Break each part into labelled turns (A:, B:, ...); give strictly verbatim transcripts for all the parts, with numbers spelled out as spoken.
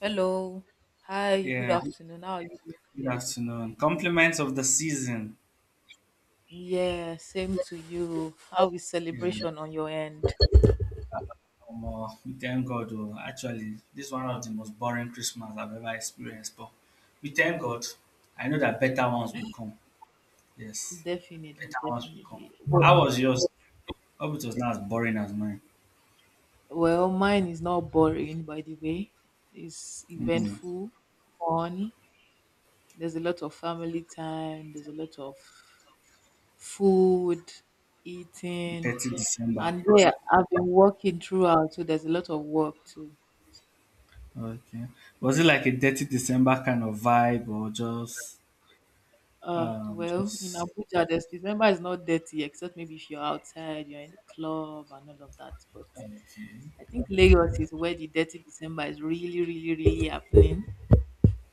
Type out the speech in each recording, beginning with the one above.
A: Hello. Hi, good
B: Yeah, good
A: afternoon. How are you doing today?
B: afternoon. Compliments of the season.
A: Yeah, same to you. How is
B: Yeah,
A: celebration on your end?
B: um, uh, we thank God. Oh, actually, this is one of the most boring Christmas I've ever experienced, but we thank God. I know that better ones will come. Yes,
A: Definitely,
B: better ones will come.
A: definitely.
B: How was yours? Hope it was not as boring as mine.
A: Well, mine is not boring, by the way. It's
B: Mm,
A: eventful, fun. There's a lot of family time, there's a lot of food, eating.
B: dirty December.
A: And yeah, I've been working throughout, so there's a lot of work too.
B: Okay. Was it like a dirty December kind of vibe or just
A: Uh,
B: um
A: well, in
B: just
A: Abuja, there's December is not dirty except maybe if you're outside, you're in the club and all of that. But
B: okay?
A: I think Lagos is where the dirty December is really, really, really happening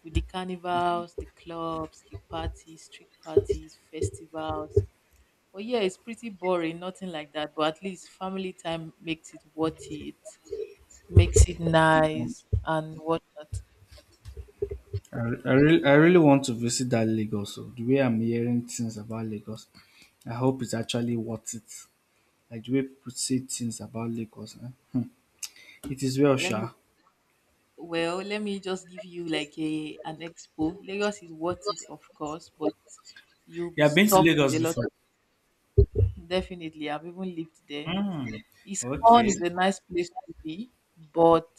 A: with the carnivals, the clubs, the parties, street parties, festivals. But yeah, it's pretty boring, nothing like that. But at least family time makes it worth it, makes it
B: Hmm.
A: nice and whatnot.
B: I, I really, I really want to visit that Lagos. So the way I'm hearing things about Lagos, I hope it's actually worth it. Like the way people say things about Lagos, eh? Hmm. It is well,
A: Let me
B: sure.
A: Well, let me just give you like a an expo. Lagos is worth it, of course, but you'll
B: You
A: be
B: have been to
A: stuck with
B: Lagos
A: a lot.
B: before?
A: Definitely, I've even lived there.
B: Hmm.
A: It's
B: Okay.
A: fun. It's a nice place to be, but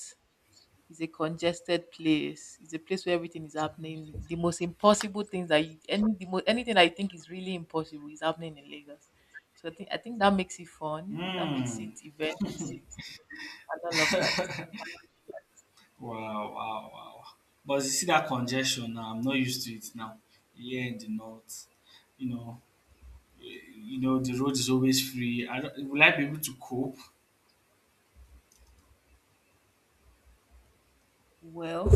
A: it's a congested place. It's a place where everything is happening. The most impossible things that you, any the mo anything I think is really impossible is happening in Lagos. So I think I think that makes it fun. That makes
B: Hmm.
A: it event and all of that.
B: Wow, wow, wow. But you see that congestion now. I'm not used to it now. Here in the north, you know, eh, you know the road is always free. I don't, will I be able to cope?
A: Well,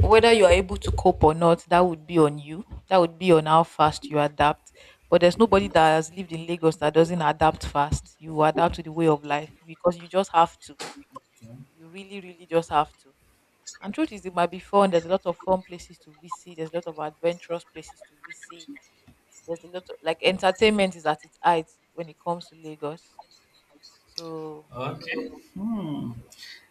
A: whether you are able to cope or not, that would be on you. That would be on how fast you adapt. But there's nobody that has lived in Lagos that doesn't adapt fast. You adapt to the way of life because you just have to. You really, really just have to. And truth is, it might be fun. There's a lot of fun places to visit. There's a lot of adventurous places to visit. There's a lot of like entertainment is at its height when it comes to Lagos. So,
B: Okay. Hmm.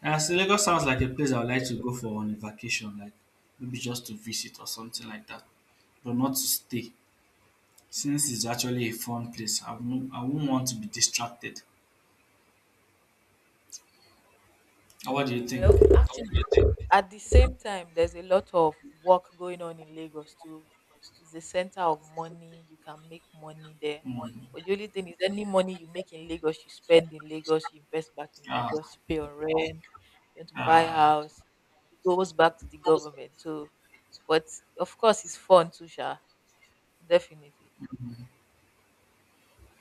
B: Uh, so Lagos sounds like a place I would like to go for on a vacation, like maybe just to visit or something like that, but not to stay, since it's actually a fun place. I won't, I won't want to be distracted. Uh, What do you
A: well,
B: think?
A: actually, at the same time there's a lot of work going on in Lagos too. It's a center of money. You can make money there,
B: Hmm.
A: but the only thing is any money you make in Lagos you spend in Lagos, you invest back in
B: Ah,
A: Lagos, you pay on rent, you want to buy a
B: ah,
A: house, it goes back to the government. So, but of course it's fun too, sha. Definitely.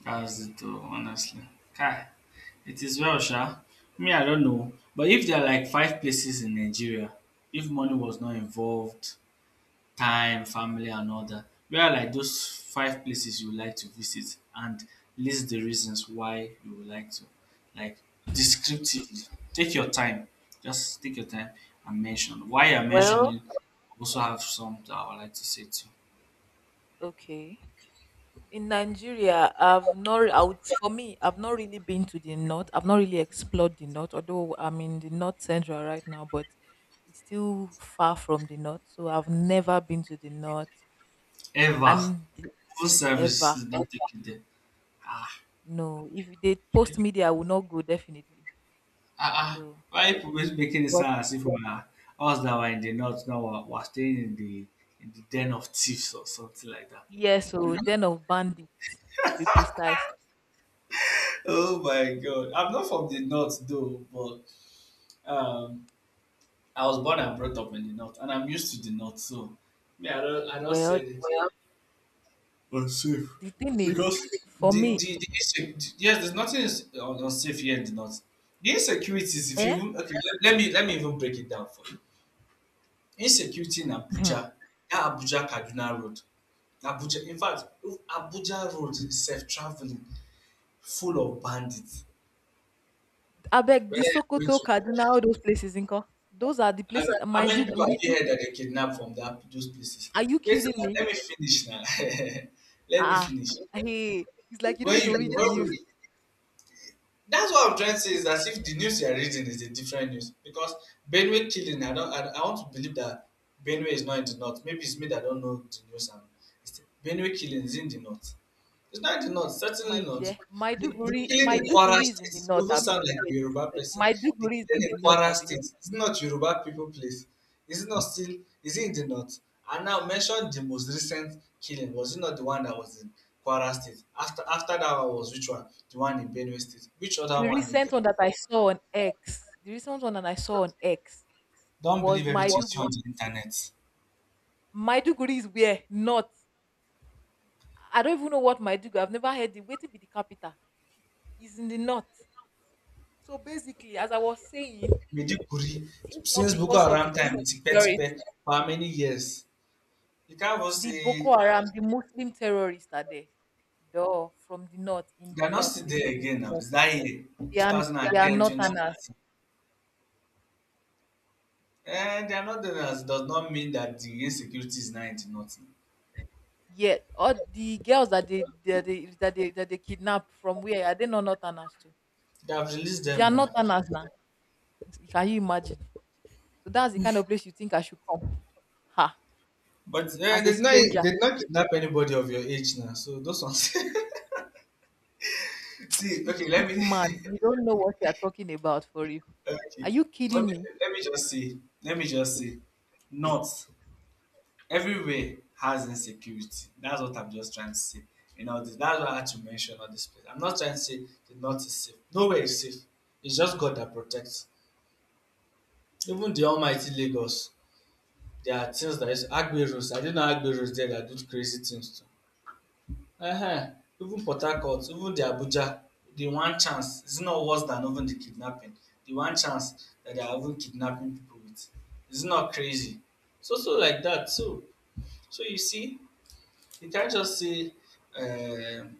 B: that's it, oh, honestly. Kai, it is well, sha. Me, I don't know. But if there are like five places in Nigeria, if money was not involved, time, family and all that. Where are like those five places you would like to visit and list the reasons why you would like to. Like descriptively. Take your time. Just take your time and mention why you're
A: Well,
B: mentioning, also have some that I would like to say too.
A: okay. In Nigeria, I've not, I would, for me, I've not really been to the north. I've not really explored the north, although I'm in the north central right now, but it's still far from the north. So I've never been to the north
B: Ever.
A: and
B: Full service
A: ever.
B: is not taken there. Ah,
A: No, if they post me there, I will not go definitely.
B: ah, ah.
A: So,
B: Why people making it
A: but
B: sound as if we are us that were in the north now we're, we're staying in the in the den of thieves or something like that.
A: yeah, so
B: Hmm?
A: den of bandits to be precise.
B: Oh my God. I'm not from the north though, but um I was born and brought up in the north and I'm used to the north, so yeah, I don't I don't
A: Well,
B: say it. Well, unsafe.
A: the thing is,
B: Because
A: for
B: the
A: me,
B: the, the issue yes, there's nothing is un- unsafe here in the north. The insecurities, if you
A: eh?
B: even okay, let, let me let me even break it down for you. Insecurity in Abuja, that Abuja Kaduna Road. Abuja in fact Abuja Road is self traveling, full of bandits.
A: Abeg,
B: Whether
A: the
B: you're going
A: Sokoto,
B: to
A: Kaduna, all those places, Inko. Those are the
B: As
A: places
B: I-
A: that
B: How many people have
A: Maiduguri.
B: you heard that they kidnapped from that those places?
A: Are you
B: Wait,
A: kidding
B: now,
A: me?
B: let me finish now. Let me
A: Ah,
B: finish.
A: ah. Hey, it's like you don't
B: When
A: need to read
B: you
A: the
B: when
A: news,
B: we, that's what I'm trying to say is as if the news you are reading is a different news because Benue killing. I don't. I, I want to believe that Benue is not in the north. Maybe it's me that don't know the news. And it's, Benue killing is in the north. It's not the north,
A: my
B: certainly not.
A: dear.
B: The, the
A: Maiduguri,
B: killing in Kwara
A: Maiduguri is in the
B: State, you
A: north,
B: even
A: Abi.
B: sound like a
A: Wait,
B: Yoruba person. The
A: Maiduguri is
B: killing in
A: in the north,
B: Kwara
A: Abi.
B: State is not Yoruba people place. Is it not still, is it in the north? And now mention the most recent killing. Was it not the one that was in Kwara State? After after that one was which one? The one in Benue State. Which other
A: The
B: one again?
A: recent one that I saw on X, the recent one that I saw on X
B: Don't
A: was
B: believe everything you see on
A: Maiduguri.
B: the internet.
A: Maiduguri is where north. I don't even know what Maiduguri. I've never heard it. Waiting be the capital. It's in the north. So basically, as I was saying.
B: Medikuri,
A: If
B: since
A: not
B: Boko
A: because of
B: Haram
A: the
B: time, tikpe tikpe,
A: insecurity,
B: for how many years? You can't even
A: the
B: say
A: Boko Haram, the Muslim terrorists are there. Duh, from the north, in
B: they
A: the
B: are not
A: north,
B: still
A: they
B: there
A: live in
B: again
A: the
B: now.
A: north.
B: It's that year, yeah,
A: They are
B: twenty ten, yeah.
A: they are northerners.
B: twenty thirteen. And they are not there now. It does not mean that the insecurity is nigh into nothing.
A: Yet, all the girls that they that they that they, that they kidnap from, where are they not northerners too?
B: They have released
A: They
B: them
A: are
B: now.
A: northerners now. Can you imagine? So that's the kind of place you think I should come. Ha!
B: But uh, they
A: As a
B: did not they
A: stranger,
B: did not kidnap anybody of your age now. So those ones. See, okay, let
A: this
B: me
A: man, you don't know what you are talking about for you. Are
B: okay.
A: you
B: Let
A: kidding
B: me,
A: me?
B: let me just say. Let me just say. Not everywhere has insecurity. That's what I'm just trying to say. You know, this, that's why I had to mention all this place. I'm not trying to say the north is safe. Nowhere is safe. It's just God that protects. Even the almighty Lagos, there are things that is Agberos. I didn't know Agberos there that do crazy things too. Uh huh. Even Port Harcourt, even the Abuja, the one chance is not worse than even the kidnapping. The one chance that they are even kidnapping people with is not crazy. So so like that. So so you see, you can't just say um,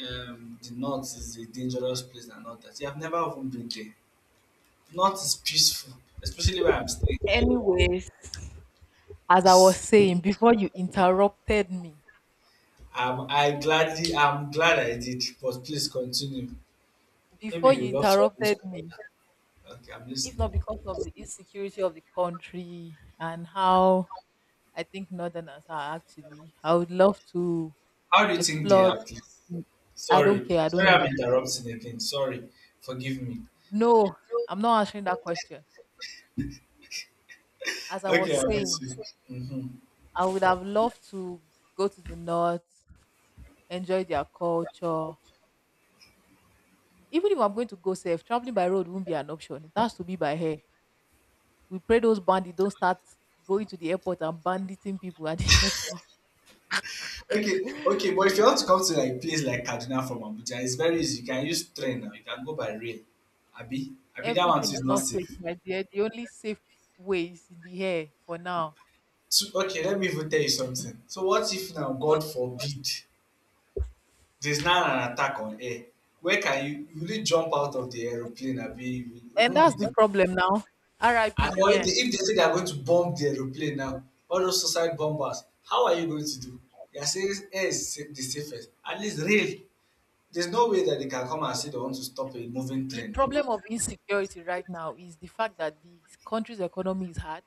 B: um, the north is a dangerous place and all that. You have never even been there. North is peaceful, especially where I'm staying.
A: Anyways. As I was
B: It's
A: saying before you interrupted me,
B: I'm I gladly I'm glad I did, but please continue. Maybe
A: before
B: you
A: you
B: love to
A: interrupted me,
B: okay, I'm
A: if not
B: listening.
A: because of the insecurity of the country and how I think Northerners are actually, I would love to
B: How do you think they
A: explore.
B: are, please?
A: I don't
B: Sorry.
A: care. I don't
B: Sorry I'm
A: know.
B: interrupting again. Sorry. Forgive me.
A: No, I'm not answering that question. As I was
B: Okay, I'm with
A: saying,
B: you. Hmm.
A: I would have loved to go to the north, enjoy their culture. Even if I'm going to go safe, traveling by road won't be an option. It has to be by air. We pray those bandits don't start going to the airport and banditing people at the airport.
B: Okay, okay, but if you want to come to like place like Kaduna from Abuja, it's very easy. You can use train now, you can go by rail. Abi, Abi that one too
A: Everything
B: is
A: is
B: not
A: not safe,
B: safe.
A: my dear. The only safe way is in the air for now.
B: So, okay, let me even tell you something. So what if now God forbid? There's now an attack on air. Where can you you really jump out of the aeroplane? I mean,
A: And
B: even
A: that's
B: with
A: the
B: the
A: problem now. R I P
B: and
A: in
B: or
A: the
B: if they,
A: air.
B: if they say they are going to bomb the aeroplane now, all those suicide bombers, how are you going to do? They are saying air is sa- the safest. At least rail. There's no way that they can come and say they want to stop a moving
A: The
B: train now.
A: problem of insecurity right now is the fact that the country's economy is hard.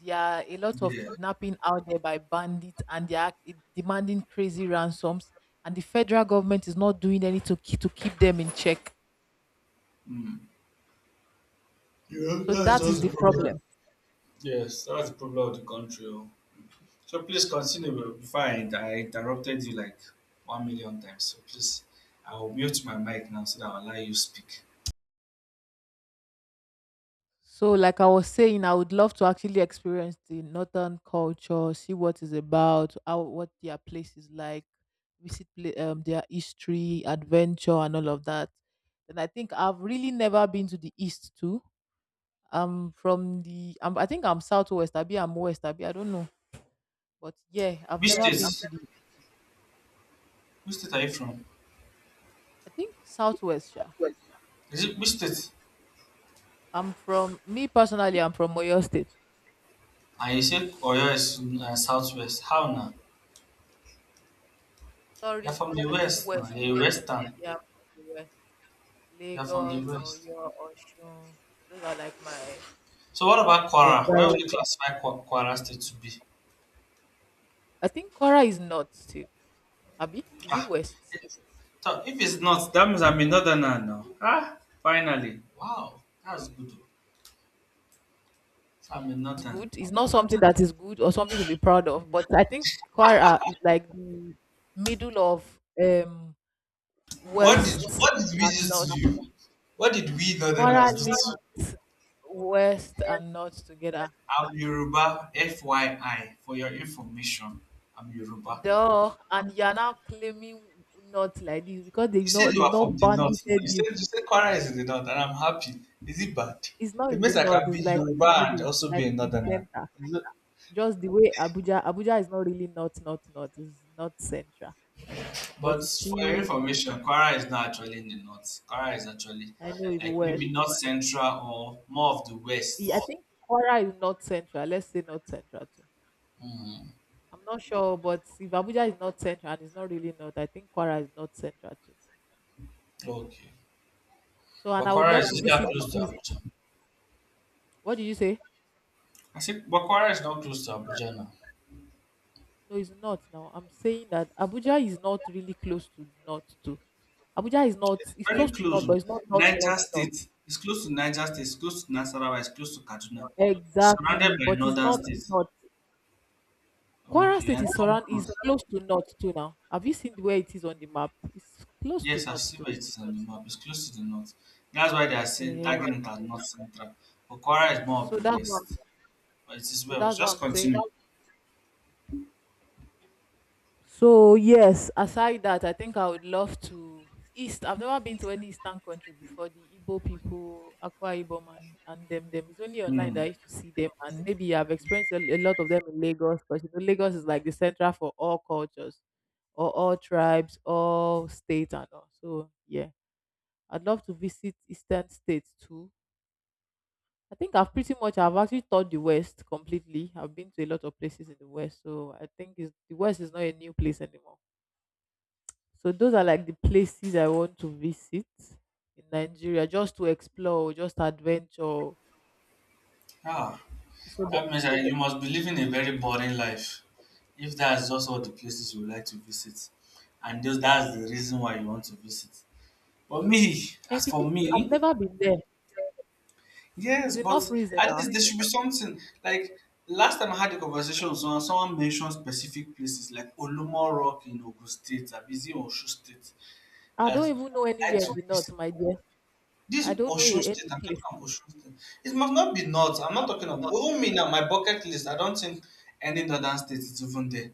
A: There are a lot of
B: Yeah.
A: kidnapping out there by bandits and they are demanding crazy ransoms, and the federal government is not doing anything to keep, to keep them in check.
B: Yeah,
A: So
B: that's
A: that is
B: just
A: the
B: the
A: problem.
B: problem. Yes, that's the problem of the country. Oh. So please continue before I, I interrupted you like one million times. So please, I will mute my mic now so that I'll allow you speak.
A: So, like I was saying, I would love to actually experience the northern culture, see what it's about, how what their place is like, visit pla- um, their history, adventure, and all of that. And I think I've really never been to the east too. I'm from the, I'm, I think I'm southwest. I be I'm west. I be I don't know, but yeah, I've
B: Which
A: never
B: yes, I'm
A: been to
B: state?
A: the.
B: Which state are you from?
A: I think southwest. Yeah,
B: Is it which state?
A: I'm from me personally, I'm from Oyo State.
B: Ah, you said Oyo is in, uh, southwest. How now? You're
A: Sorry,
B: from the
A: I think
B: west now.
A: west.
B: You're a
A: Yeah,
B: western.
A: yeah, I'm from the west.
B: You're from the
A: Lagos,
B: west.
A: Oyo, Osun. Those are like my
B: So what about Kwara? Where would
A: environment.
B: you classify Kwa- Kwara state to be?
A: I think Kora is not too. Abi, is it
B: Ah,
A: West?
B: it- so if it's not, that means I'm a northerner now. Ah, finally. Wow, that's good. So I'm a
A: It's
B: northerner.
A: good. It's not something that is good or something to be proud of. But I think Kora is like the middle of um
B: What did
A: West
B: what did we
A: and
B: just
A: North.
B: do to you? What did we
A: Kora
B: northerners do to you?
A: linked West and North together.
B: I'm Yoruba, F Y I, for your information. I'm Yoruba.
A: Duh, and you are now claiming not like this because
B: You
A: they've
B: said
A: not
B: you
A: they've
B: are from
A: not
B: the
A: banded
B: north now. You said
A: you.
B: you said Kwara is in the north, and I'm happy. Is it bad?
A: It's not
B: It
A: in the
B: means I
A: north.
B: can be
A: It's like in the
B: Yoruba and
A: middle,
B: also be
A: like
B: a
A: in the
B: northerner.
A: center.
B: Is it-
A: Just the way Abuja, Abuja is not really north, north, north. It's not central, but
B: but
A: it's
B: for your
A: still.
B: information, Kwara is not actually in the north. Kwara is actually
A: I know it's
B: like
A: west.
B: maybe north central or more of the
A: Yeah, I
B: west.
A: think Kwara is not central. Let's say not central too.
B: Hmm.
A: I'm not sure, but if Abuja is not central and it's not really north, I think Kwara is not central too.
B: Okay.
A: So, and
B: But
A: I would
B: Kwara
A: love
B: is
A: to
B: either
A: visit the
B: close to
A: east.
B: Abuja.
A: What did you say?
B: I see Bakwara is not close to Abuja now.
A: No, it's not. Now I'm saying that Abuja is not really close to north too. Abuja is
B: It's
A: not. It's
B: very
A: close to north,
B: close. Oh.
A: but it's not north,
B: Niger
A: north, north.
B: State. It's close to Niger State. It's close to Nasarawa. It's close to Kaduna. Surrounded
A: Exactly,
B: by
A: but it's
B: northern
A: not
B: states.
A: north. Kwara
B: Okay,
A: State
B: and
A: is
B: come
A: surround is
B: close.
A: close to North too now. Have you seen where it is on the map? It's close to
B: Yes, I
A: North
B: see
A: too
B: where it is on the map. It's close to the north. That's why they are saying
A: now. Eh,
B: tagging it as north central. Okwara is more of
A: so
B: the
A: that's what I'm,
B: west. But it is
A: so
B: well.
A: that's
B: Just
A: what I'm saying.
B: continue.
A: So yes, aside that, I think I would love to East. I've never been to any Eastern country before. The Igbo people, Akwa Ibom, and, and them them. It's only online
B: Hmm.
A: that I used to see them, and maybe I've experienced a, a lot of them in Lagos, because you know Lagos is like the central for all cultures, or all tribes, all states, and all. So yeah. I'd love to visit eastern states too. I think I've pretty much I've actually toured the West completely. I've been to a lot of places in the West, so I think it's, the West is not a new place anymore. So those are like the places I want to visit in Nigeria, just to explore, just adventure.
B: Ah,
A: So, but-
B: that means that you must be living a very boring life if that's just all the places you would like to visit. And just that's the reason why you want to visit. But me,
A: and
B: as for
A: because I've
B: me,
A: never been there,
B: yes,
A: it's
B: but
A: enough reason
B: at
A: now.
B: least there should be something. Like last time I had a conversation with someone, someone mentioned specific places like Olumo Rock in Ogun State, Abizi in Osun State,
A: I don't
B: that
A: even know
B: I like
A: anywhere
B: to
A: in the north,
B: visit.
A: my dear.
B: This
A: I don't know
B: Osun
A: a- any
B: State, I'm talking
A: place.
B: about Osun State. It must not be north. I'm not talking about even me now, my bucket list. I don't think any northern state is even there.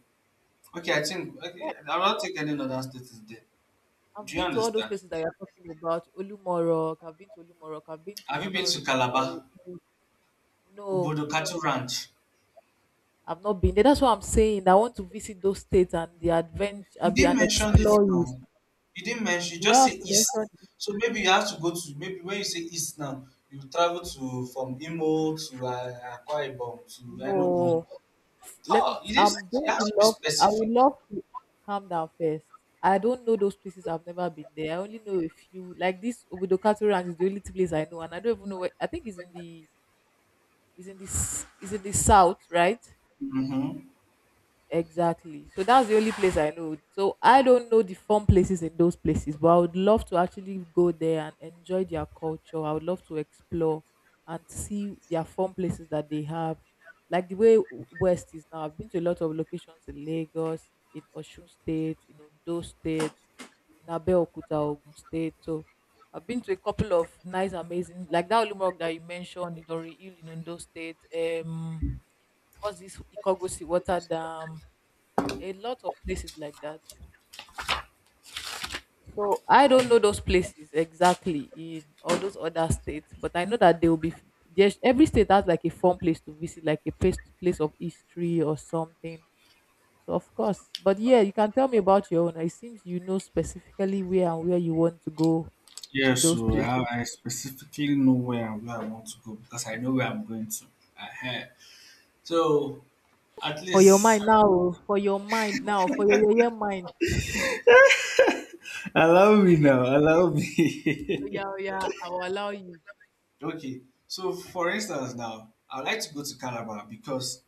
B: Okay, I think okay, I don't think any northern state is there.
A: I've
B: Do you
A: been to all those
B: understand?
A: places that you're talking about. Olumorok, I've been to Olumorok, I've been to
B: Have you been to
A: Idori,
B: Calabar,
A: Idori. No,
B: Ubodo Cattle Ranch?
A: I've not been there. That's what I'm saying. I want to visit those states and the adventure,
B: You
A: I'll be
B: didn't
A: an
B: mention it now.
A: explorer.
B: You didn't mention. You
A: Do
B: just
A: I
B: say
A: have to
B: east.
A: mention it?
B: So maybe you have to go to maybe when you say east now, you travel to from Imo to uh, Akwa Ibom to Enugu.
A: No. Let me,
B: Oh, you didn't.
A: I'm
B: You
A: going
B: have
A: to
B: to be
A: love, I would
B: specific.
A: love to calm down first. I don't know those places. I've never been there. I only know a few. Like this Obudokatu Ranch is the only place I know, and I don't even know where. I think it's in the, it's in the, s- it's in the south, right?
B: Mm-hmm.
A: Exactly. So that's the only place I know. So I don't know the fun places in those places, but I would love to actually go there and enjoy their culture. I would love to explore and see their fun places that they have. Like the way w- West is now. I've been to a lot of locations in Lagos, in Osun State, in Ondo State, in Abeokuta, Ogun State. So I've been to a couple of nice, amazing, like that Olumok that you mentioned, Idori Hill in Ondo State. Um, what's this Ikogosi Water Dam? A lot of places like that. So I don't know those places exactly in all those other states, but I know that they will be. There's every state has like a fun place to visit, like a place place of history or something. So of course, but yeah, you can tell me about your own. It seems you know specifically where and where you want to go in
B: Yes,
A: those
B: so I,
A: places.
B: I specifically know where and where I want to go because I know where I'm going to. Uh, so at
A: For your mind
B: least
A: now, oh, for your mind now, for your your mind.
B: allow me now, allow
A: Oh
B: me.
A: yeah, oh yeah, I will allow you.
B: Okay, so for instance, now I would like to go to Calabar because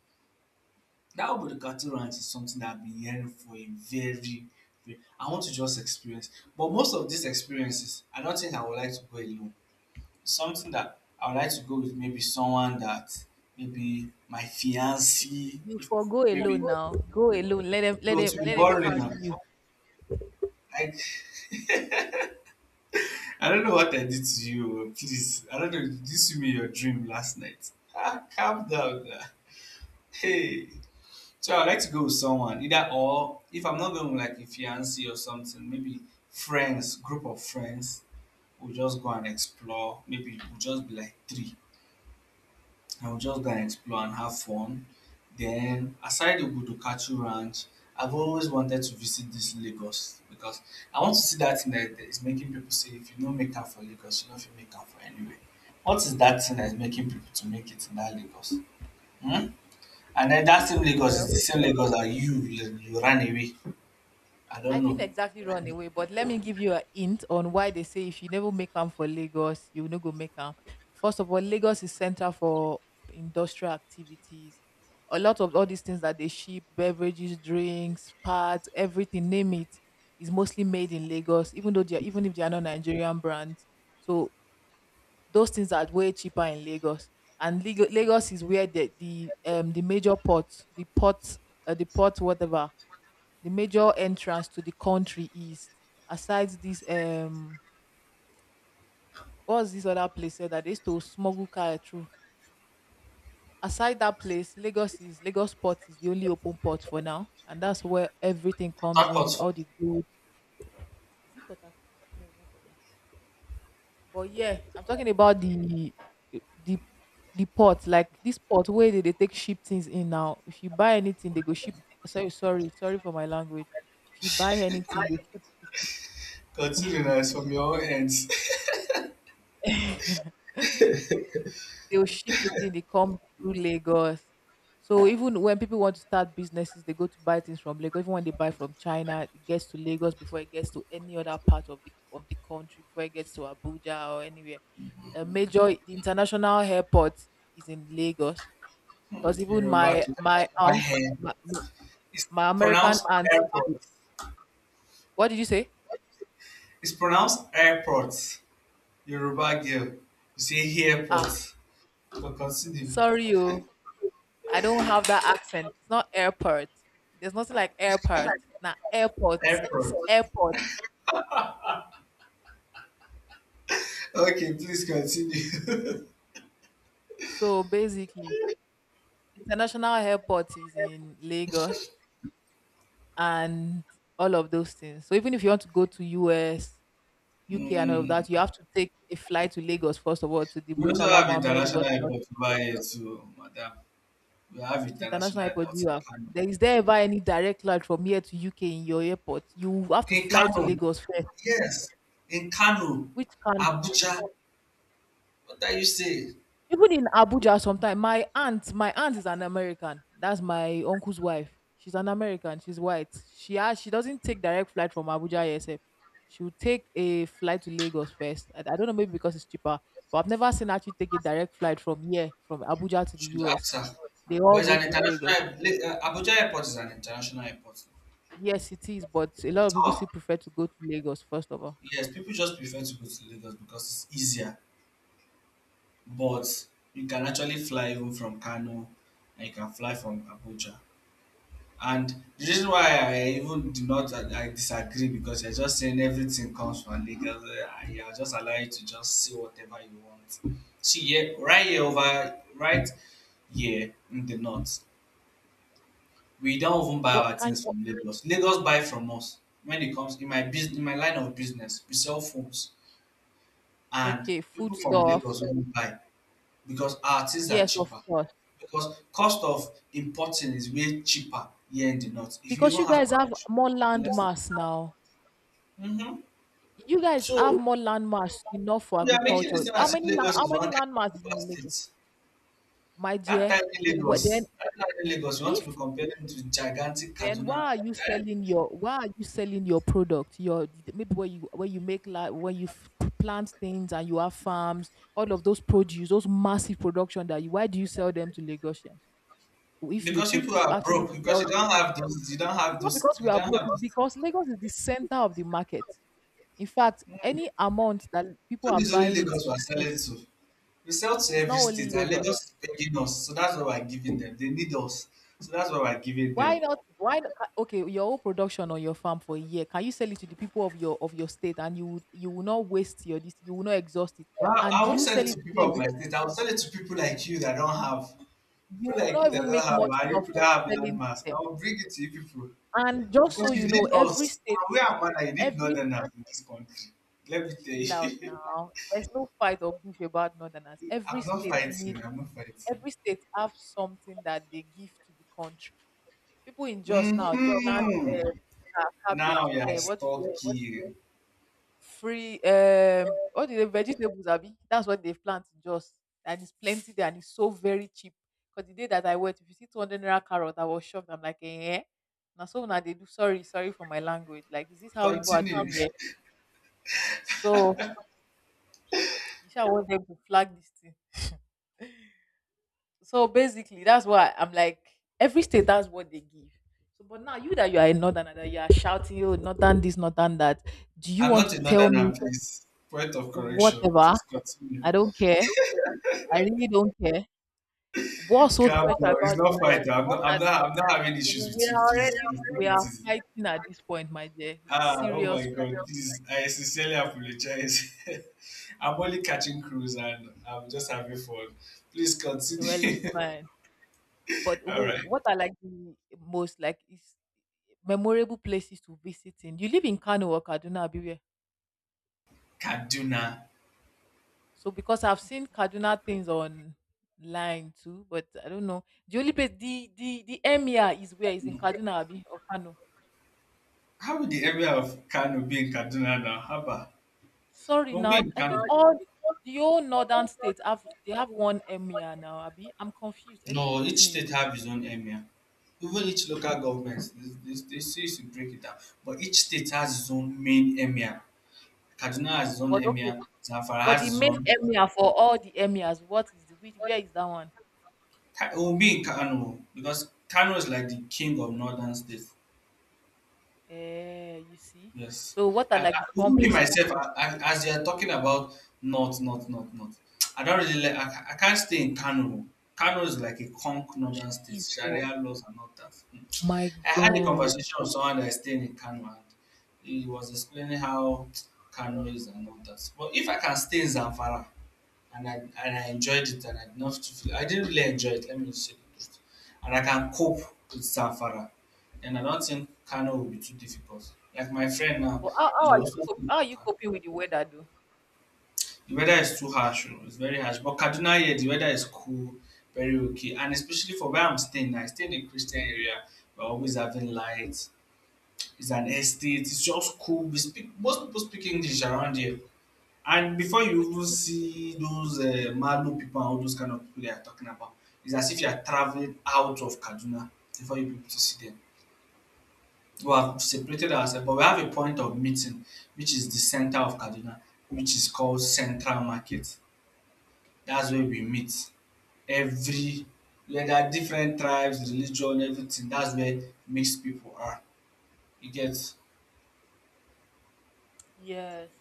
B: that Obudu rant is something that I've been hearing for a very, very I want to just experience. But most of these experiences, I don't think I would like to go alone. Something that I would like to go with maybe someone that maybe my fiance,
A: You
B: if
A: for go
B: maybe
A: alone now. Go alone. Let them, let
B: no, to
A: them,
B: be
A: let them
B: boring
A: carry
B: now.
A: you.
B: Like. I don't know what I did to you. oh, Please, I don't know. This you me your dream last night? Ah, calm down now. Hey. So I'd like to go with someone, either or if I'm not going with like a fiance or something, maybe friends, group of friends, we'll just go and explore. Maybe we'll just be like three and we'll just go and explore and have fun. Then aside the Budukachu Ranch, I've always wanted to visit this Lagos because I want to see that thing that is making people say if you don't make time for Lagos, you don't fit make time for anywhere. What is that thing that is making people to make it in that Lagos? Hmm? And then that same Lagos is the
A: Well.
B: same Lagos that you you ran away. I
A: I
B: don't
A: didn't
B: know.
A: exactly run away, but let me give you a hint on why they say if you never make camp for Lagos, you no go make camp. First of all, Lagos is center for industrial activities. A lot of all these things that they ship, beverages, drinks, parts, everything, name it, is mostly made in Lagos, even though they are, even if they are not Nigerian brands. So those things are way cheaper in Lagos. And Lag- Lagos is where the the um the major port, the port, uh, the port, whatever, the major entrance to the country is, aside this um what's this other place here that they used to smuggle car through. Aside that place, Lagos is, Lagos port is the only open port for now, and that's where everything
B: Port
A: comes in,
B: Harcourt.
A: all the goods. Is it Port Harcourt? No, it's not Port Harcourt, but yeah, I'm talking about the the the port, like this port where they, they take, ship things in. Now if you buy anything, they go ship, sorry, sorry, sorry for my language, if you buy anything, they ship
B: Continue now, it's from your own ends.
A: it. They'll ship it in, they come through Lagos. So even when people want to start businesses, they go to buy things from Lagos. Even when they buy from China, it gets to Lagos before it gets to any other part of the of the country, before it gets to Abuja or anywhere. A major international airport is in Lagos. Because even
B: Yoruba
A: my my
B: international
A: aunt,
B: head.
A: my, my
B: It's
A: my American
B: pronounced
A: aunt,
B: airport.
A: what did you say?
B: It's pronounced airport. Yoruba girl. You say
A: Ah,
B: airport. But continue.
A: sorry, you. I don't have that accent. It's not airport. There's nothing like airport. Now airport is
B: Airport.
A: airport.
B: Okay, please continue.
A: So basically, international airport is in Lagos and all of those things. So even if you want to go to U S, U K and all of
B: Hmm.
A: that, you have to take a flight to Lagos first of all, to the
B: We also
A: Muritala
B: have
A: Mohammed,
B: international
A: whatnot.
B: airport over here too, madam. We have
A: Which international
B: international
A: airport do
B: airports
A: you
B: in
A: have?
B: Kano.
A: There is there ever any direct flight from here to U K in your airport? You have to
B: In
A: fly to
B: Kano.
A: Lagos first.
B: Yes. In Kano,
A: Which can
B: Abuja. What are you saying?
A: Even in Abuja sometimes, my aunt, my aunt is an American. That's my uncle's wife. She's an American. She's white. She has, she doesn't take direct flight from Abuja A S F. She'll take a flight to Lagos first. I, I don't know, maybe because it's cheaper. But I've never seen her actually take a direct flight from here, from Abuja to the
B: Should ask
A: U S.
B: her.
A: They
B: But
A: all
B: it's
A: go
B: an
A: to the Lagos.
B: international Le- uh, Abuja airport is an international airport.
A: Yes, it is, but a lot of people
B: Oh,
A: still prefer to go to Lagos first of all.
B: yes, people just prefer to go to Lagos because it's easier. But you can actually fly even from Kano and you can fly from Abuja. And the reason why I even do not I, I disagree because you're just saying everything comes from Lagos. uh, Yeah, I'll just allow you to just say whatever you want. See, yeah, right here over right here in the north, we don't even buy
A: But
B: our
A: can
B: things from Lagos. Lagos buy from us when it comes in my business, in my line of business. We sell phones, and
A: Okay,
B: people
A: food
B: from
A: stuff.
B: Lagos won't buy because our things are
A: Yes, of
B: cheaper.
A: course.
B: Because cost of importing is way cheaper here in the north. If you
A: Because you
B: even have
A: guys have
B: connection,
A: more
B: the
A: land
B: less.
A: mass now.
B: Mm-hmm.
A: You guys have
B: So
A: more landmass enough for
B: we are making this
A: agriculture.
B: thing
A: How
B: as if
A: many land,
B: Lagos
A: how
B: is one
A: many
B: kind
A: landmass
B: of
A: is
B: super
A: in Lagos?
B: state.
A: My
B: That
A: dear,
B: tiny
A: what
B: Lagos,
A: then
B: that tiny Lagos, you want to be
A: if
B: comparing to gigantic
A: then why
B: Kaduna.
A: are you
B: Eh?
A: selling your why are you selling your product? Your maybe where you where you make, like where you f- plant things and you have farms, all of those produce, those massive production, that you why do you sell them to Lagosians? If you
B: Because
A: could
B: people are
A: actually
B: broke because
A: sell
B: you
A: it's
B: don't have those, you don't have
A: not
B: those,
A: because we
B: you
A: are
B: don't
A: broke,
B: have
A: it's because Lagos is the center of the market. In fact,
B: those.
A: any amount that people
B: So
A: are
B: this only
A: buying it,
B: Lagos we are
A: eh,
B: selling to. We sell to
A: it's
B: every
A: not only
B: state and
A: Lagos.
B: Lagos is begging us. So that's why we're giving them. They need us. So that's why we're giving
A: Why
B: them.
A: not? Why not, ca- okay? Your whole production on your farm for a year, can you sell it to the people of your of your state, and you would, you will not waste your this, you will not exhaust it,
B: I,
A: and
B: I won't
A: you
B: sell it
A: sell
B: to
A: it to
B: people
A: them,
B: of
A: with-
B: my state. I will sell it to people like you that don't have.
A: you
B: People
A: will
B: like
A: not
B: you that
A: even
B: don't
A: make
B: have
A: much
B: and you that
A: profit
B: have
A: selling to
B: landmass. I
A: them.
B: will bring it to you people.
A: And just so
B: Because you
A: you know,
B: need
A: every
B: us.
A: state,
B: And we are one. You need
A: every
B: northerners in this country. Let me tell
A: chill out
B: you.
A: now. There's no fight or beef about northerners. Every
B: I'm not
A: state need
B: fighting. I'm not fighting.
A: every state have something that they give to the country. People in just now they plant,
B: Hmm.
A: uh, uh,
B: Now
A: cabbage.
B: we are
A: Uh, what?
B: stuck. Yeah, here.
A: Free, um what do they, vegetables, abi, that's what they've plant just, and it's plenty there, and it's so very cheap. Because the day that I went, if you see two hundred naira carrot, I was shocked. I'm like, eh, na so now they do, sorry, sorry for my language, like, is this how people are
B: Continue.
A: doing here? So you sha want them to flag this thing. So basically, that's why I'm like, every state, that's what they give. So but now, you that you are a northerner, that you are shouting, oh, northern this, northern that, do you
B: I'm
A: want
B: not
A: to
B: a
A: tell
B: northerner,
A: me?
B: please. Point of correction.
A: Whatever,
B: Please continue.
A: I don't care. I really don't care. What's so
B: Calm
A: special
B: down. It's
A: about the
B: not
A: North?
B: fight. I'm
A: What
B: not I'm
A: are
B: not I'm not having issues with
A: We
B: you,
A: are
B: please. Please
A: already,
B: take
A: we
B: it
A: are
B: easy.
A: fighting at this point, my dear.
B: Ah, oh
A: Serious
B: my
A: fight.
B: god, please. I sincerely apologize. I'm only catching crews and I'm just having fun. Please
A: Well, it's
B: continue.
A: fine. But
B: All
A: wh-
B: right.
A: what are, like, the most, like, is memorable places to visit in? You live in Kano or Kaduna, Abiwe?
B: Kaduna.
A: So because I've seen Kaduna things online too, but I don't know. The only place, the, the the Emir is, where is, in Kaduna, Abi, or Kano?
B: How would the area of Kano be in Kaduna now? Haba.
A: Sorry
B: Don't be
A: now.
B: in
A: I think
B: Kano.
A: all the whole northern states have they have one emir now, Abi. I'm confused.
B: No,
A: Educate
B: each
A: me,
B: state
A: bro.
B: have its own emir. Even each local government, they, they, they still used to break it down. But each state has its own main emir. Kaduna has its own
A: But okay.
B: emir. Zamfara
A: But
B: has
A: the
B: its
A: main
B: own.
A: emir for all the emirs, what is the which, where is that one?
B: Ka- It will be in Kano because Kano is like the king of northern states.
A: Eh, you see.
B: Yes.
A: So what are,
B: I, I
A: like, the fun
B: even me
A: places to
B: myself,
A: visit?
B: I, I, as you are talking about north, north, north, north, I don't really like. I, ca- I can't stay in Kano. Kano is like a conk northern state.
A: Jesus,
B: Sharia laws and all that. Hmm.
A: my
B: I had a
A: God.
B: conversation with someone that is staying in Kano and he was explaining how Kano is and all that. But if I can stay in Zamfara and I and I enjoyed it and I did not feel I didn't really enjoy it, let me just say the truth. And I can cope with Zamfara, then I don't think Kano will be too difficult. Like my friend now,
A: But how, how
B: he
A: are you
B: also stay
A: cop-
B: in
A: how are you
B: Kano.
A: coping with the weather though?
B: The weather is too harsh, oh, it's very harsh. But Kaduna here the weather is cool, very okay. And especially for where I'm staying, I stay in a Christian area, we're always having light, it's an estate. It's just cool. We speak, most people speak English around here. And before
A: So
B: you
A: the
B: even
A: kids.
B: see those uh, Malu people and all those kind of people they are talking about, it's as if you are traveling out of Kaduna before you be able to see them. We have separated ourselves, but we have a point of meeting, which is the center of Kaduna, which is called Central Market. That's where we meet every, where there are different tribes, religion, everything. That's where mixed people are. You get
A: Yes.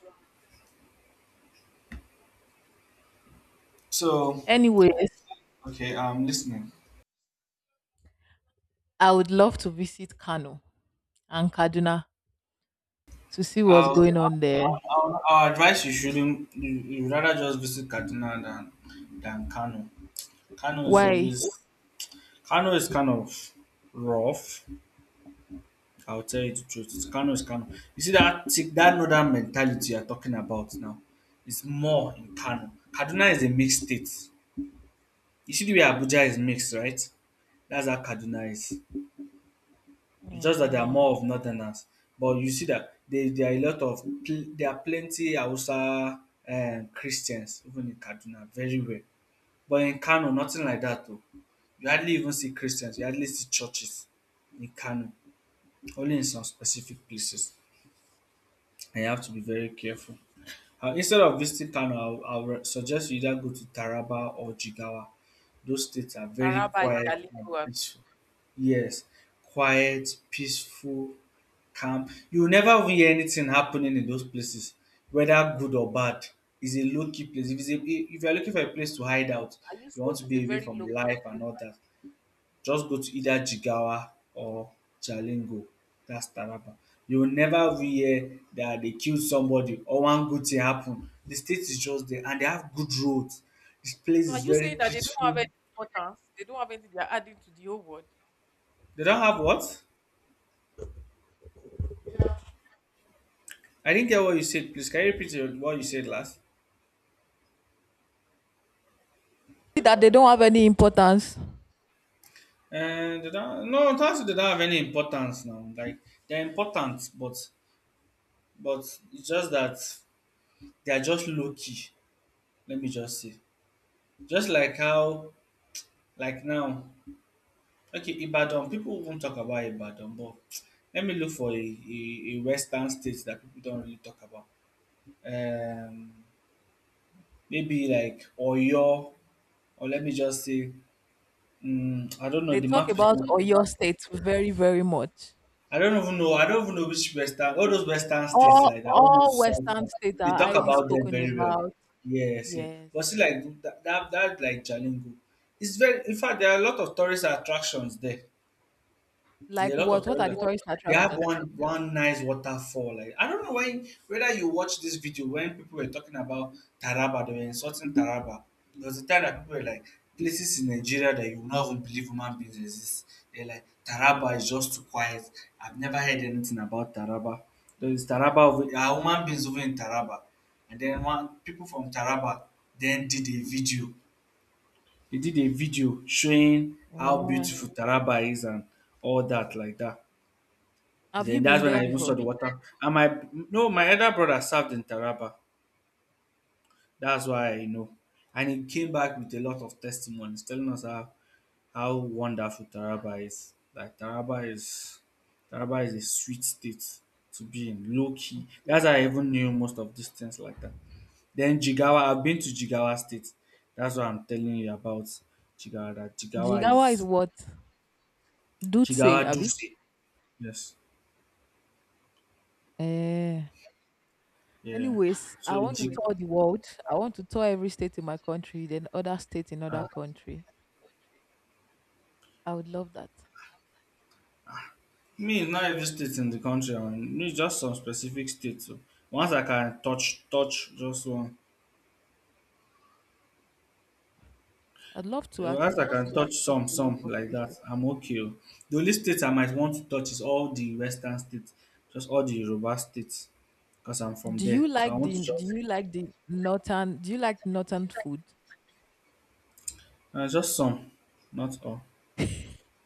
B: so.
A: Anyways,
B: Okay. I'm listening.
A: I would love to visit Kano and Kaduna to see what's
B: I'll,
A: going on there.
B: I'll, I'll advise you shouldn't. You, you rather just visit Kaduna than than Kano. Kano is always
A: Why?
B: Kano is kind of rough. I'll tell you the truth. It's- Kano is Kano. You see that thick- that northern mentality you're talking about now is more in Kano. Kaduna is a mixed state. You see the way Abuja is mixed, right? That's how Kaduna is. It's just that they are
A: Yeah.
B: more of northerners. But you see that there, there are a lot of pl- there are plenty Hausa um, Christians even in Kaduna, very rare. But in Kano, nothing like that though. You hardly even see Christians. You hardly see churches in Kano, only in some specific places. And you have to be very careful. Uh, instead of visiting Kano, I would suggest you either go to Taraba or Jigawa. Those states are very
A: Taraba is
B: quiet
A: their
B: and
A: lingo. Are
B: peaceful. Yes, quiet, peaceful, calm. You will never hear anything happening in those places, whether good or bad. It's a low key place. If, it's a, if you're looking for a place to hide out,
A: you
B: you
A: saying
B: want to
A: it's a
B: be away
A: very
B: from
A: local
B: life
A: place?
B: and all that, just go to either Jigawa or Jalingo. That's Taraba. You will never hear that they killed somebody or one good thing happened. The state is just there and they have good roads. This place
A: So are
B: is
A: you
B: very
A: saying that they don't have
B: peaceful.
A: any importance? They don't have anything they're adding to the whole world?
B: They don't have what? I didn't get what you said. Please, can you repeat your- what you said last?
A: That they don't have any importance.
B: And did I, no, that's did I have any importance now? Like they're important, but but it's just that they are just low key. Let me just say, just like how like now, okay, Ibadan people won't talk about Ibadan, but let me look for a, a, a, western state that people don't really talk about. Um, Maybe like Oyo, or let me just say, mm, I don't know.
A: They
B: The
A: talk
B: map is
A: about
B: not
A: Oyo State very, very much.
B: I don't even know. I don't even know which Western, all those Western states
A: All
B: like that, all those
A: all
B: South,
A: Western
B: one,
A: states
B: they
A: are
B: talk
A: highly
B: about them
A: spoken
B: very well.
A: about.
B: Yes, yes.
A: Yes.
B: But see, like that, that, that like Jalingo, it's very. In fact, there are a lot of tourist attractions there. There
A: Like
B: are a lot of
A: what? What are
B: tourists.
A: the
B: that-
A: tourist
B: They have
A: attractions?
B: one one nice waterfall. Like I don't know when whether you watch this video when people were talking about Taraba, they were insulting Taraba. There was a time that people were like places in Nigeria that you will not even believe human beings exist. They're like Taraba is just too quiet. I've never heard anything about Taraba. There is Taraba over- are human beings over in Taraba. And then one people from Taraba then did a video. They did a video showing how
A: Yeah.
B: beautiful Taraba is and all that like that.
A: Have you
B: Then that's
A: been
B: when
A: there
B: I even saw
A: before?
B: the water. And my no, my elder brother served in Taraba. That's why I know. And he came back with a lot of testimonies telling us how, how wonderful Taraba is. Like Taraba is Taraba is a sweet state to be in, low key. That's
A: Okay.
B: how I even knew most of these things like that. Then Jigawa, I've been to Jigawa State. That's what I'm telling you about Jigawa. That Jigawa
A: Jigawa is
B: is
A: what? Dutse,
B: Jigawa
A: Abi?
B: Duse. Yes.
A: Eh.
B: Yeah.
A: Anyways, I
B: So
A: want to
B: Jig,
A: tour the world. I want to tour every state in my country, then other state in other
B: uh,
A: country. I would love that.
B: Me, it's not every state in the country. I mean, me, just some specific states. So once I can touch, touch just one.
A: I'd love to
B: Once
A: actually
B: I can Okay.
A: visit a,
B: touch
A: diff-
B: some,
A: a
B: some
A: lot of
B: like that,
A: places.
B: I'm okay. Oh. The only states I might want to touch is all the western states, just all the Yoruba states, because I'm from
A: Do
B: there.
A: you
B: So I
A: like
B: want
A: the
B: to
A: Do
B: just,
A: you like the northern Do you like northern food?
B: uh, just some, not all.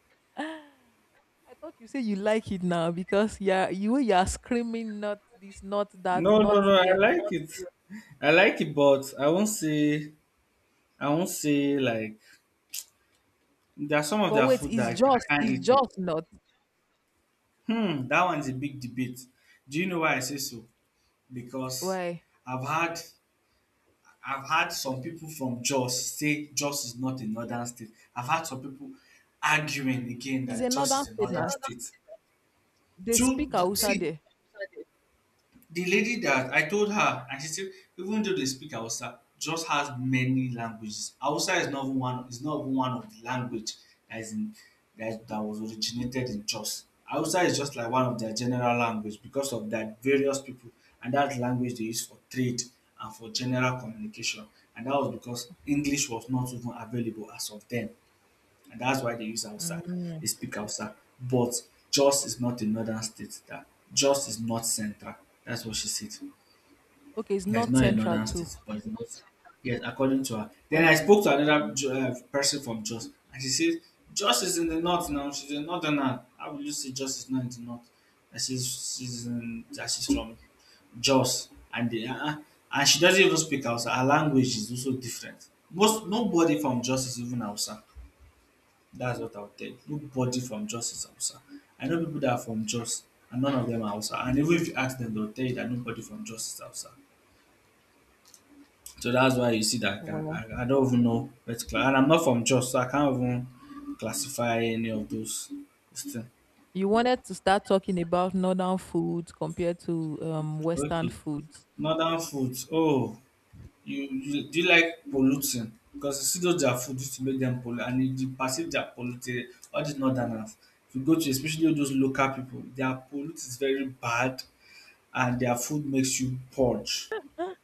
A: I thought you say you like it now, because yeah, you you are screaming, not this, not that,
B: No, no,
A: not
B: no. I
A: here.
B: like it. I like it, but I won't say. I won't say like there are some of
A: But
B: their
A: wait,
B: food that
A: it's
B: I
A: just
B: I can't
A: it's
B: eat. Oh.
A: just not,
B: Hmm, that one's a big debate. Do you know why I say so? Because
A: why.
B: I've had I've had some people from Jos say Jos is not a northern state. I've had some people arguing again
A: It's
B: that Jos
A: another
B: is a It's
A: state
B: northern
A: now.
B: northern state.
A: They speak
B: Two,
A: Hausa
B: see,
A: there.
B: the lady that I told her, and she said, even though they speak Hausa, just has many languages. Hausa is not even one. Is not even one of the language that is in, that that was originated in Jos. Hausa is just like one of their general language because of that various people, and that language they use for trade and for general communication. And that was because English was not even available as of then and that's why they use Hausa.
A: Mm.
B: They speak Hausa. But Jos is not a northern state. That Jos is not central. That's what she said.
A: Okay, it's
B: It's
A: not
B: not a
A: central
B: northern
A: too.
B: state, but it's not. Yes, according to her. Then
A: Oh,
B: I spoke to another Ju- uh, person from Jos, and she said, Jos is in the north now. She's a northerner. How will you say Jos is not in the north? That she's, she's, in, that she's from Jos. And, they, uh, and she doesn't even speak Hausa. Her language is also different. Most Nobody from Jos is even Hausa. That's what I would tell you. Nobody from Jos is Hausa. I know people that are from Jos and none of them are Hausa. And even if you ask them, they'll tell you that nobody from Jos is Hausa. So that's why you see that I,
A: well,
B: I, I don't even know where to class. And I'm not from Jos, so I can't even classify any of those things.
A: you wanted to start talking about northern food compared to um western
B: Okay.
A: foods.
B: Northern foods. Oh, you, you do you like polluting? Because you see those their food used to make them pollute and you you perceive they are polluted. All these northerners. If you go to especially those local people, their pollute is very bad. And their food makes you purge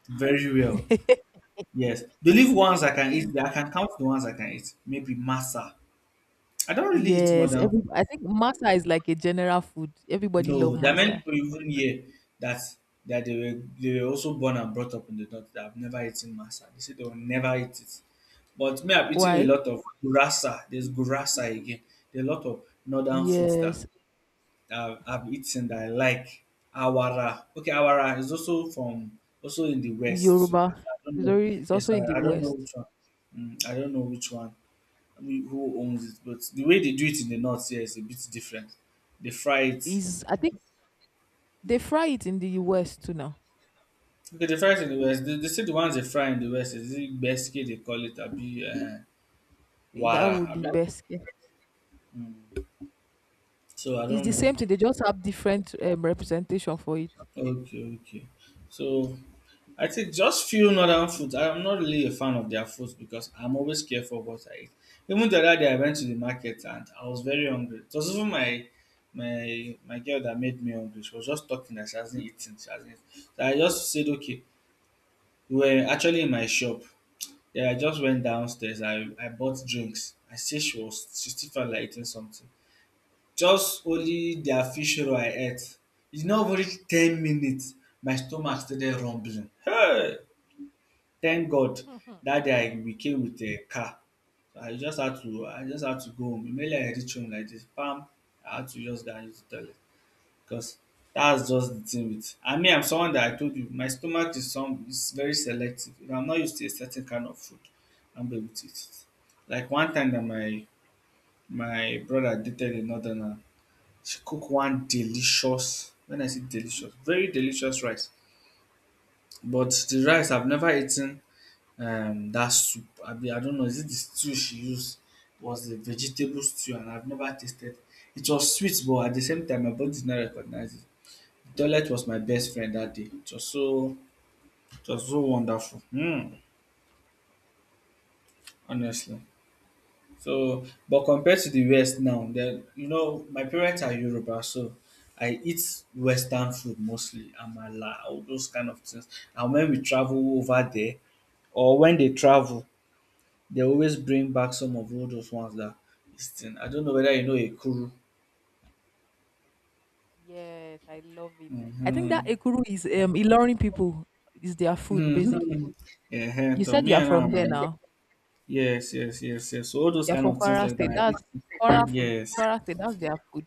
B: very well. Yes, the leaf ones I can eat. I can count the ones I can eat. Maybe masa. I don't really eat
A: Yes,
B: northern. Food.
A: every, I think masa is like a general food. Everybody love
B: No, there are many
A: masa.
B: people even here that that they were they were also born and brought up in the north that have never eaten masa. They say they will never eat it. But me, I've eaten a
A: Why?
B: lot of gurasa. There's gurasa again. There are a lot of northern foods that
A: Yes,
B: I've, I've eaten that I like awara. Okay, awara is also from also in the west. So
A: Yoruba
B: I don't
A: is
B: know.
A: already, is
B: Yes,
A: also in the
B: I, I don't know
A: West.
B: which one. Mm, I don't know which one. I mean, who owns it? But the way they do it in the north here is a bit different. They fry it.
A: Is I think they fry it in the U S too now.
B: Okay, they fry it in the west. They, they say the ones they fry in the west is it basket they call it abi uh,
A: Eh, that
B: wara.
A: would be
B: Abi?
A: best, yeah.
B: Mm, so I
A: It's
B: don't
A: the
B: know.
A: same thing. They just have different, um, representation for it.
B: Okay, okay. So I think just few northern foods. I'm not really a fan of their foods because I'm always careful of what I eat. Even the other day I went to the market and I was very hungry. It was even my my my girl that made me hungry. She was just talking that she hasn't eaten. She hasn't eaten. So I just said, okay, we were actually in my shop. Yeah, I just went downstairs. I, I bought drinks. I see she was she still felt like eating something. Just only their fish roll I ate. It's not even reach ten minutes. My stomach started rumbling. Hey! Thank God that day we came with a car. I just had to I just had to go home. Immediately I reach home like this kpam I had to just go and use the toilet because that's just the thing with I mean I'm someone that I told you my stomach is some is very selective. If I'm not used to a certain kind of food I am not be able to eat it. Like one time that my my brother dated a northerner, she cook one delicious, when I say delicious, very delicious rice but the rice I've never eaten um that soup abi I don't know is it the stew she used It was a vegetable stew and I've never tasted it was sweet but at the same time my body did not recognize it. The toilet was my best friend that day. It was so it was so wonderful. Hmm. Honestly. So but compared to the West now then you know my parents are Yoruba so I eat western food mostly amala all those kind of things and when we travel over there or when they travel they always bring back some of all those ones that this thing. I don't know whether you know a Ekuru.
A: Yes, I love it. I think that
B: Mm-hmm.
A: Ekuru is, um Ilorin people, is their food basically.
B: Mm-hmm. Yeah,
A: You
B: to
A: said
B: me
A: you're
B: and now,
A: from there
B: man.
A: now.
B: Yes, yes, yes, yes. So all those
A: You're
B: kind
A: from
B: of things
A: Kwara
B: like
A: State. That's
B: that.
A: Kwara food.
B: Yes.
A: Kwara State. That's their food.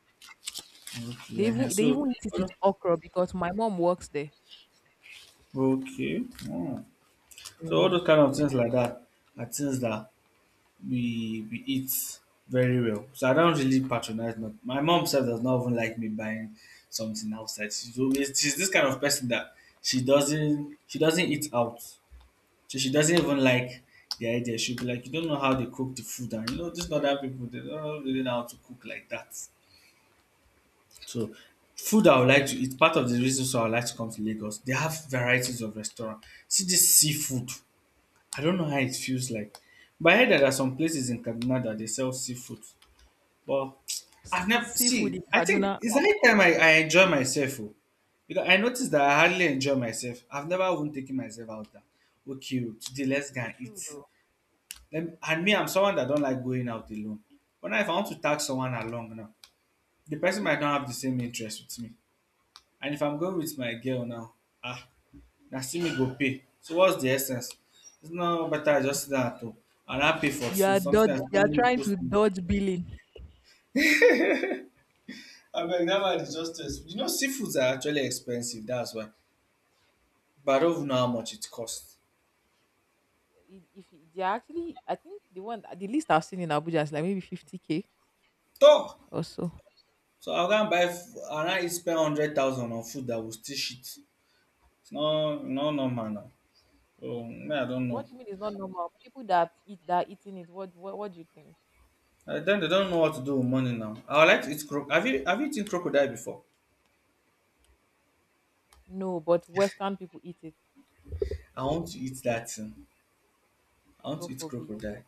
B: Okay.
A: They even
B: Ehen.
A: they
B: So
A: even eat it with
B: all
A: okra, because my mom works there.
B: tho- okay. Mm. So all those
A: Yes.
B: kind of things like that are things that we we eat very well. So I don't really patronize. Not my mom herself does not even like me buying something outside. She's always she's this kind of person that she doesn't she doesn't eat out. So she doesn't even like the idea. She'll be like, you don't know how they cook the food, and you know these other people they don't really know really how to cook like that. So food I would like to eat. Part of the reason so I would like to come to Lagos. They have varieties of restaurant. See this seafood. I don't know how it feels like. But I heard that there are some places in Kaduna that they sell seafood. But I've
A: Se-
B: never
A: seafood
B: see.
A: in
B: I think
A: Kaduna.
B: it's the only time I, I enjoy myself. Oh, because I noticed that I hardly enjoy myself. I've never even taken myself out there. Okay, oh, today let's go
A: You
B: and
A: should.
B: eat.
A: Oh.
B: Let me, and me, I'm someone that don't like going out alone. But now if I want to tag someone along now, the person might not have the same interest with me. And if I'm going with my girl now, ah, now see me go pay. So what's the essence? It's not better I just sit down at home and I pay for
A: You
B: two,
A: are
B: something
A: dod-
B: that's
A: You are
B: only
A: trying
B: supposed
A: to
B: to me.
A: dodge billing.
B: Abeg dat one is just exp you know seafoods are actually expensive. That's why but I don't even know how much it costs.
A: I- if you- they're actually, I think the one the least I've seen in Abuja is like maybe fifty k
B: Tor!
A: or so.
B: So I can buy f- I now spend hundred thousand on food that will still shit. It's no e no normal na. So me I don't know.
A: What do you mean it's not normal? People that eat that eating it, what, what what do you think?
B: And den They don't know what to do with money now. I would like to eat croc. have you have you eaten crocodile before?
A: No, but Western people eat it.
B: I want to eat that. Thing. I want
A: God
B: to eat
A: forbid.
B: crocodile.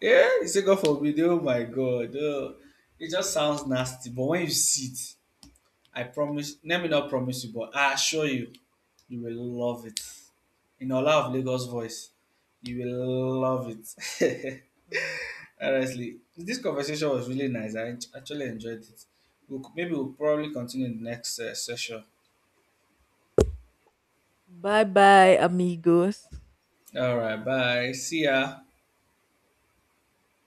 B: Yeah, you say God forbid! Oh my God! Oh! It just sounds nasty but when you see it I promise, let me not promise you, but I assure you, you will love it. In Ola of Lagos voice, you will love it. Honestly, this conversation was really nice. I en- actually enjoyed it. We'll, maybe we'll probably continue in the next uh, session.
A: Bye bye, amigos.
B: All right, bye. See ya.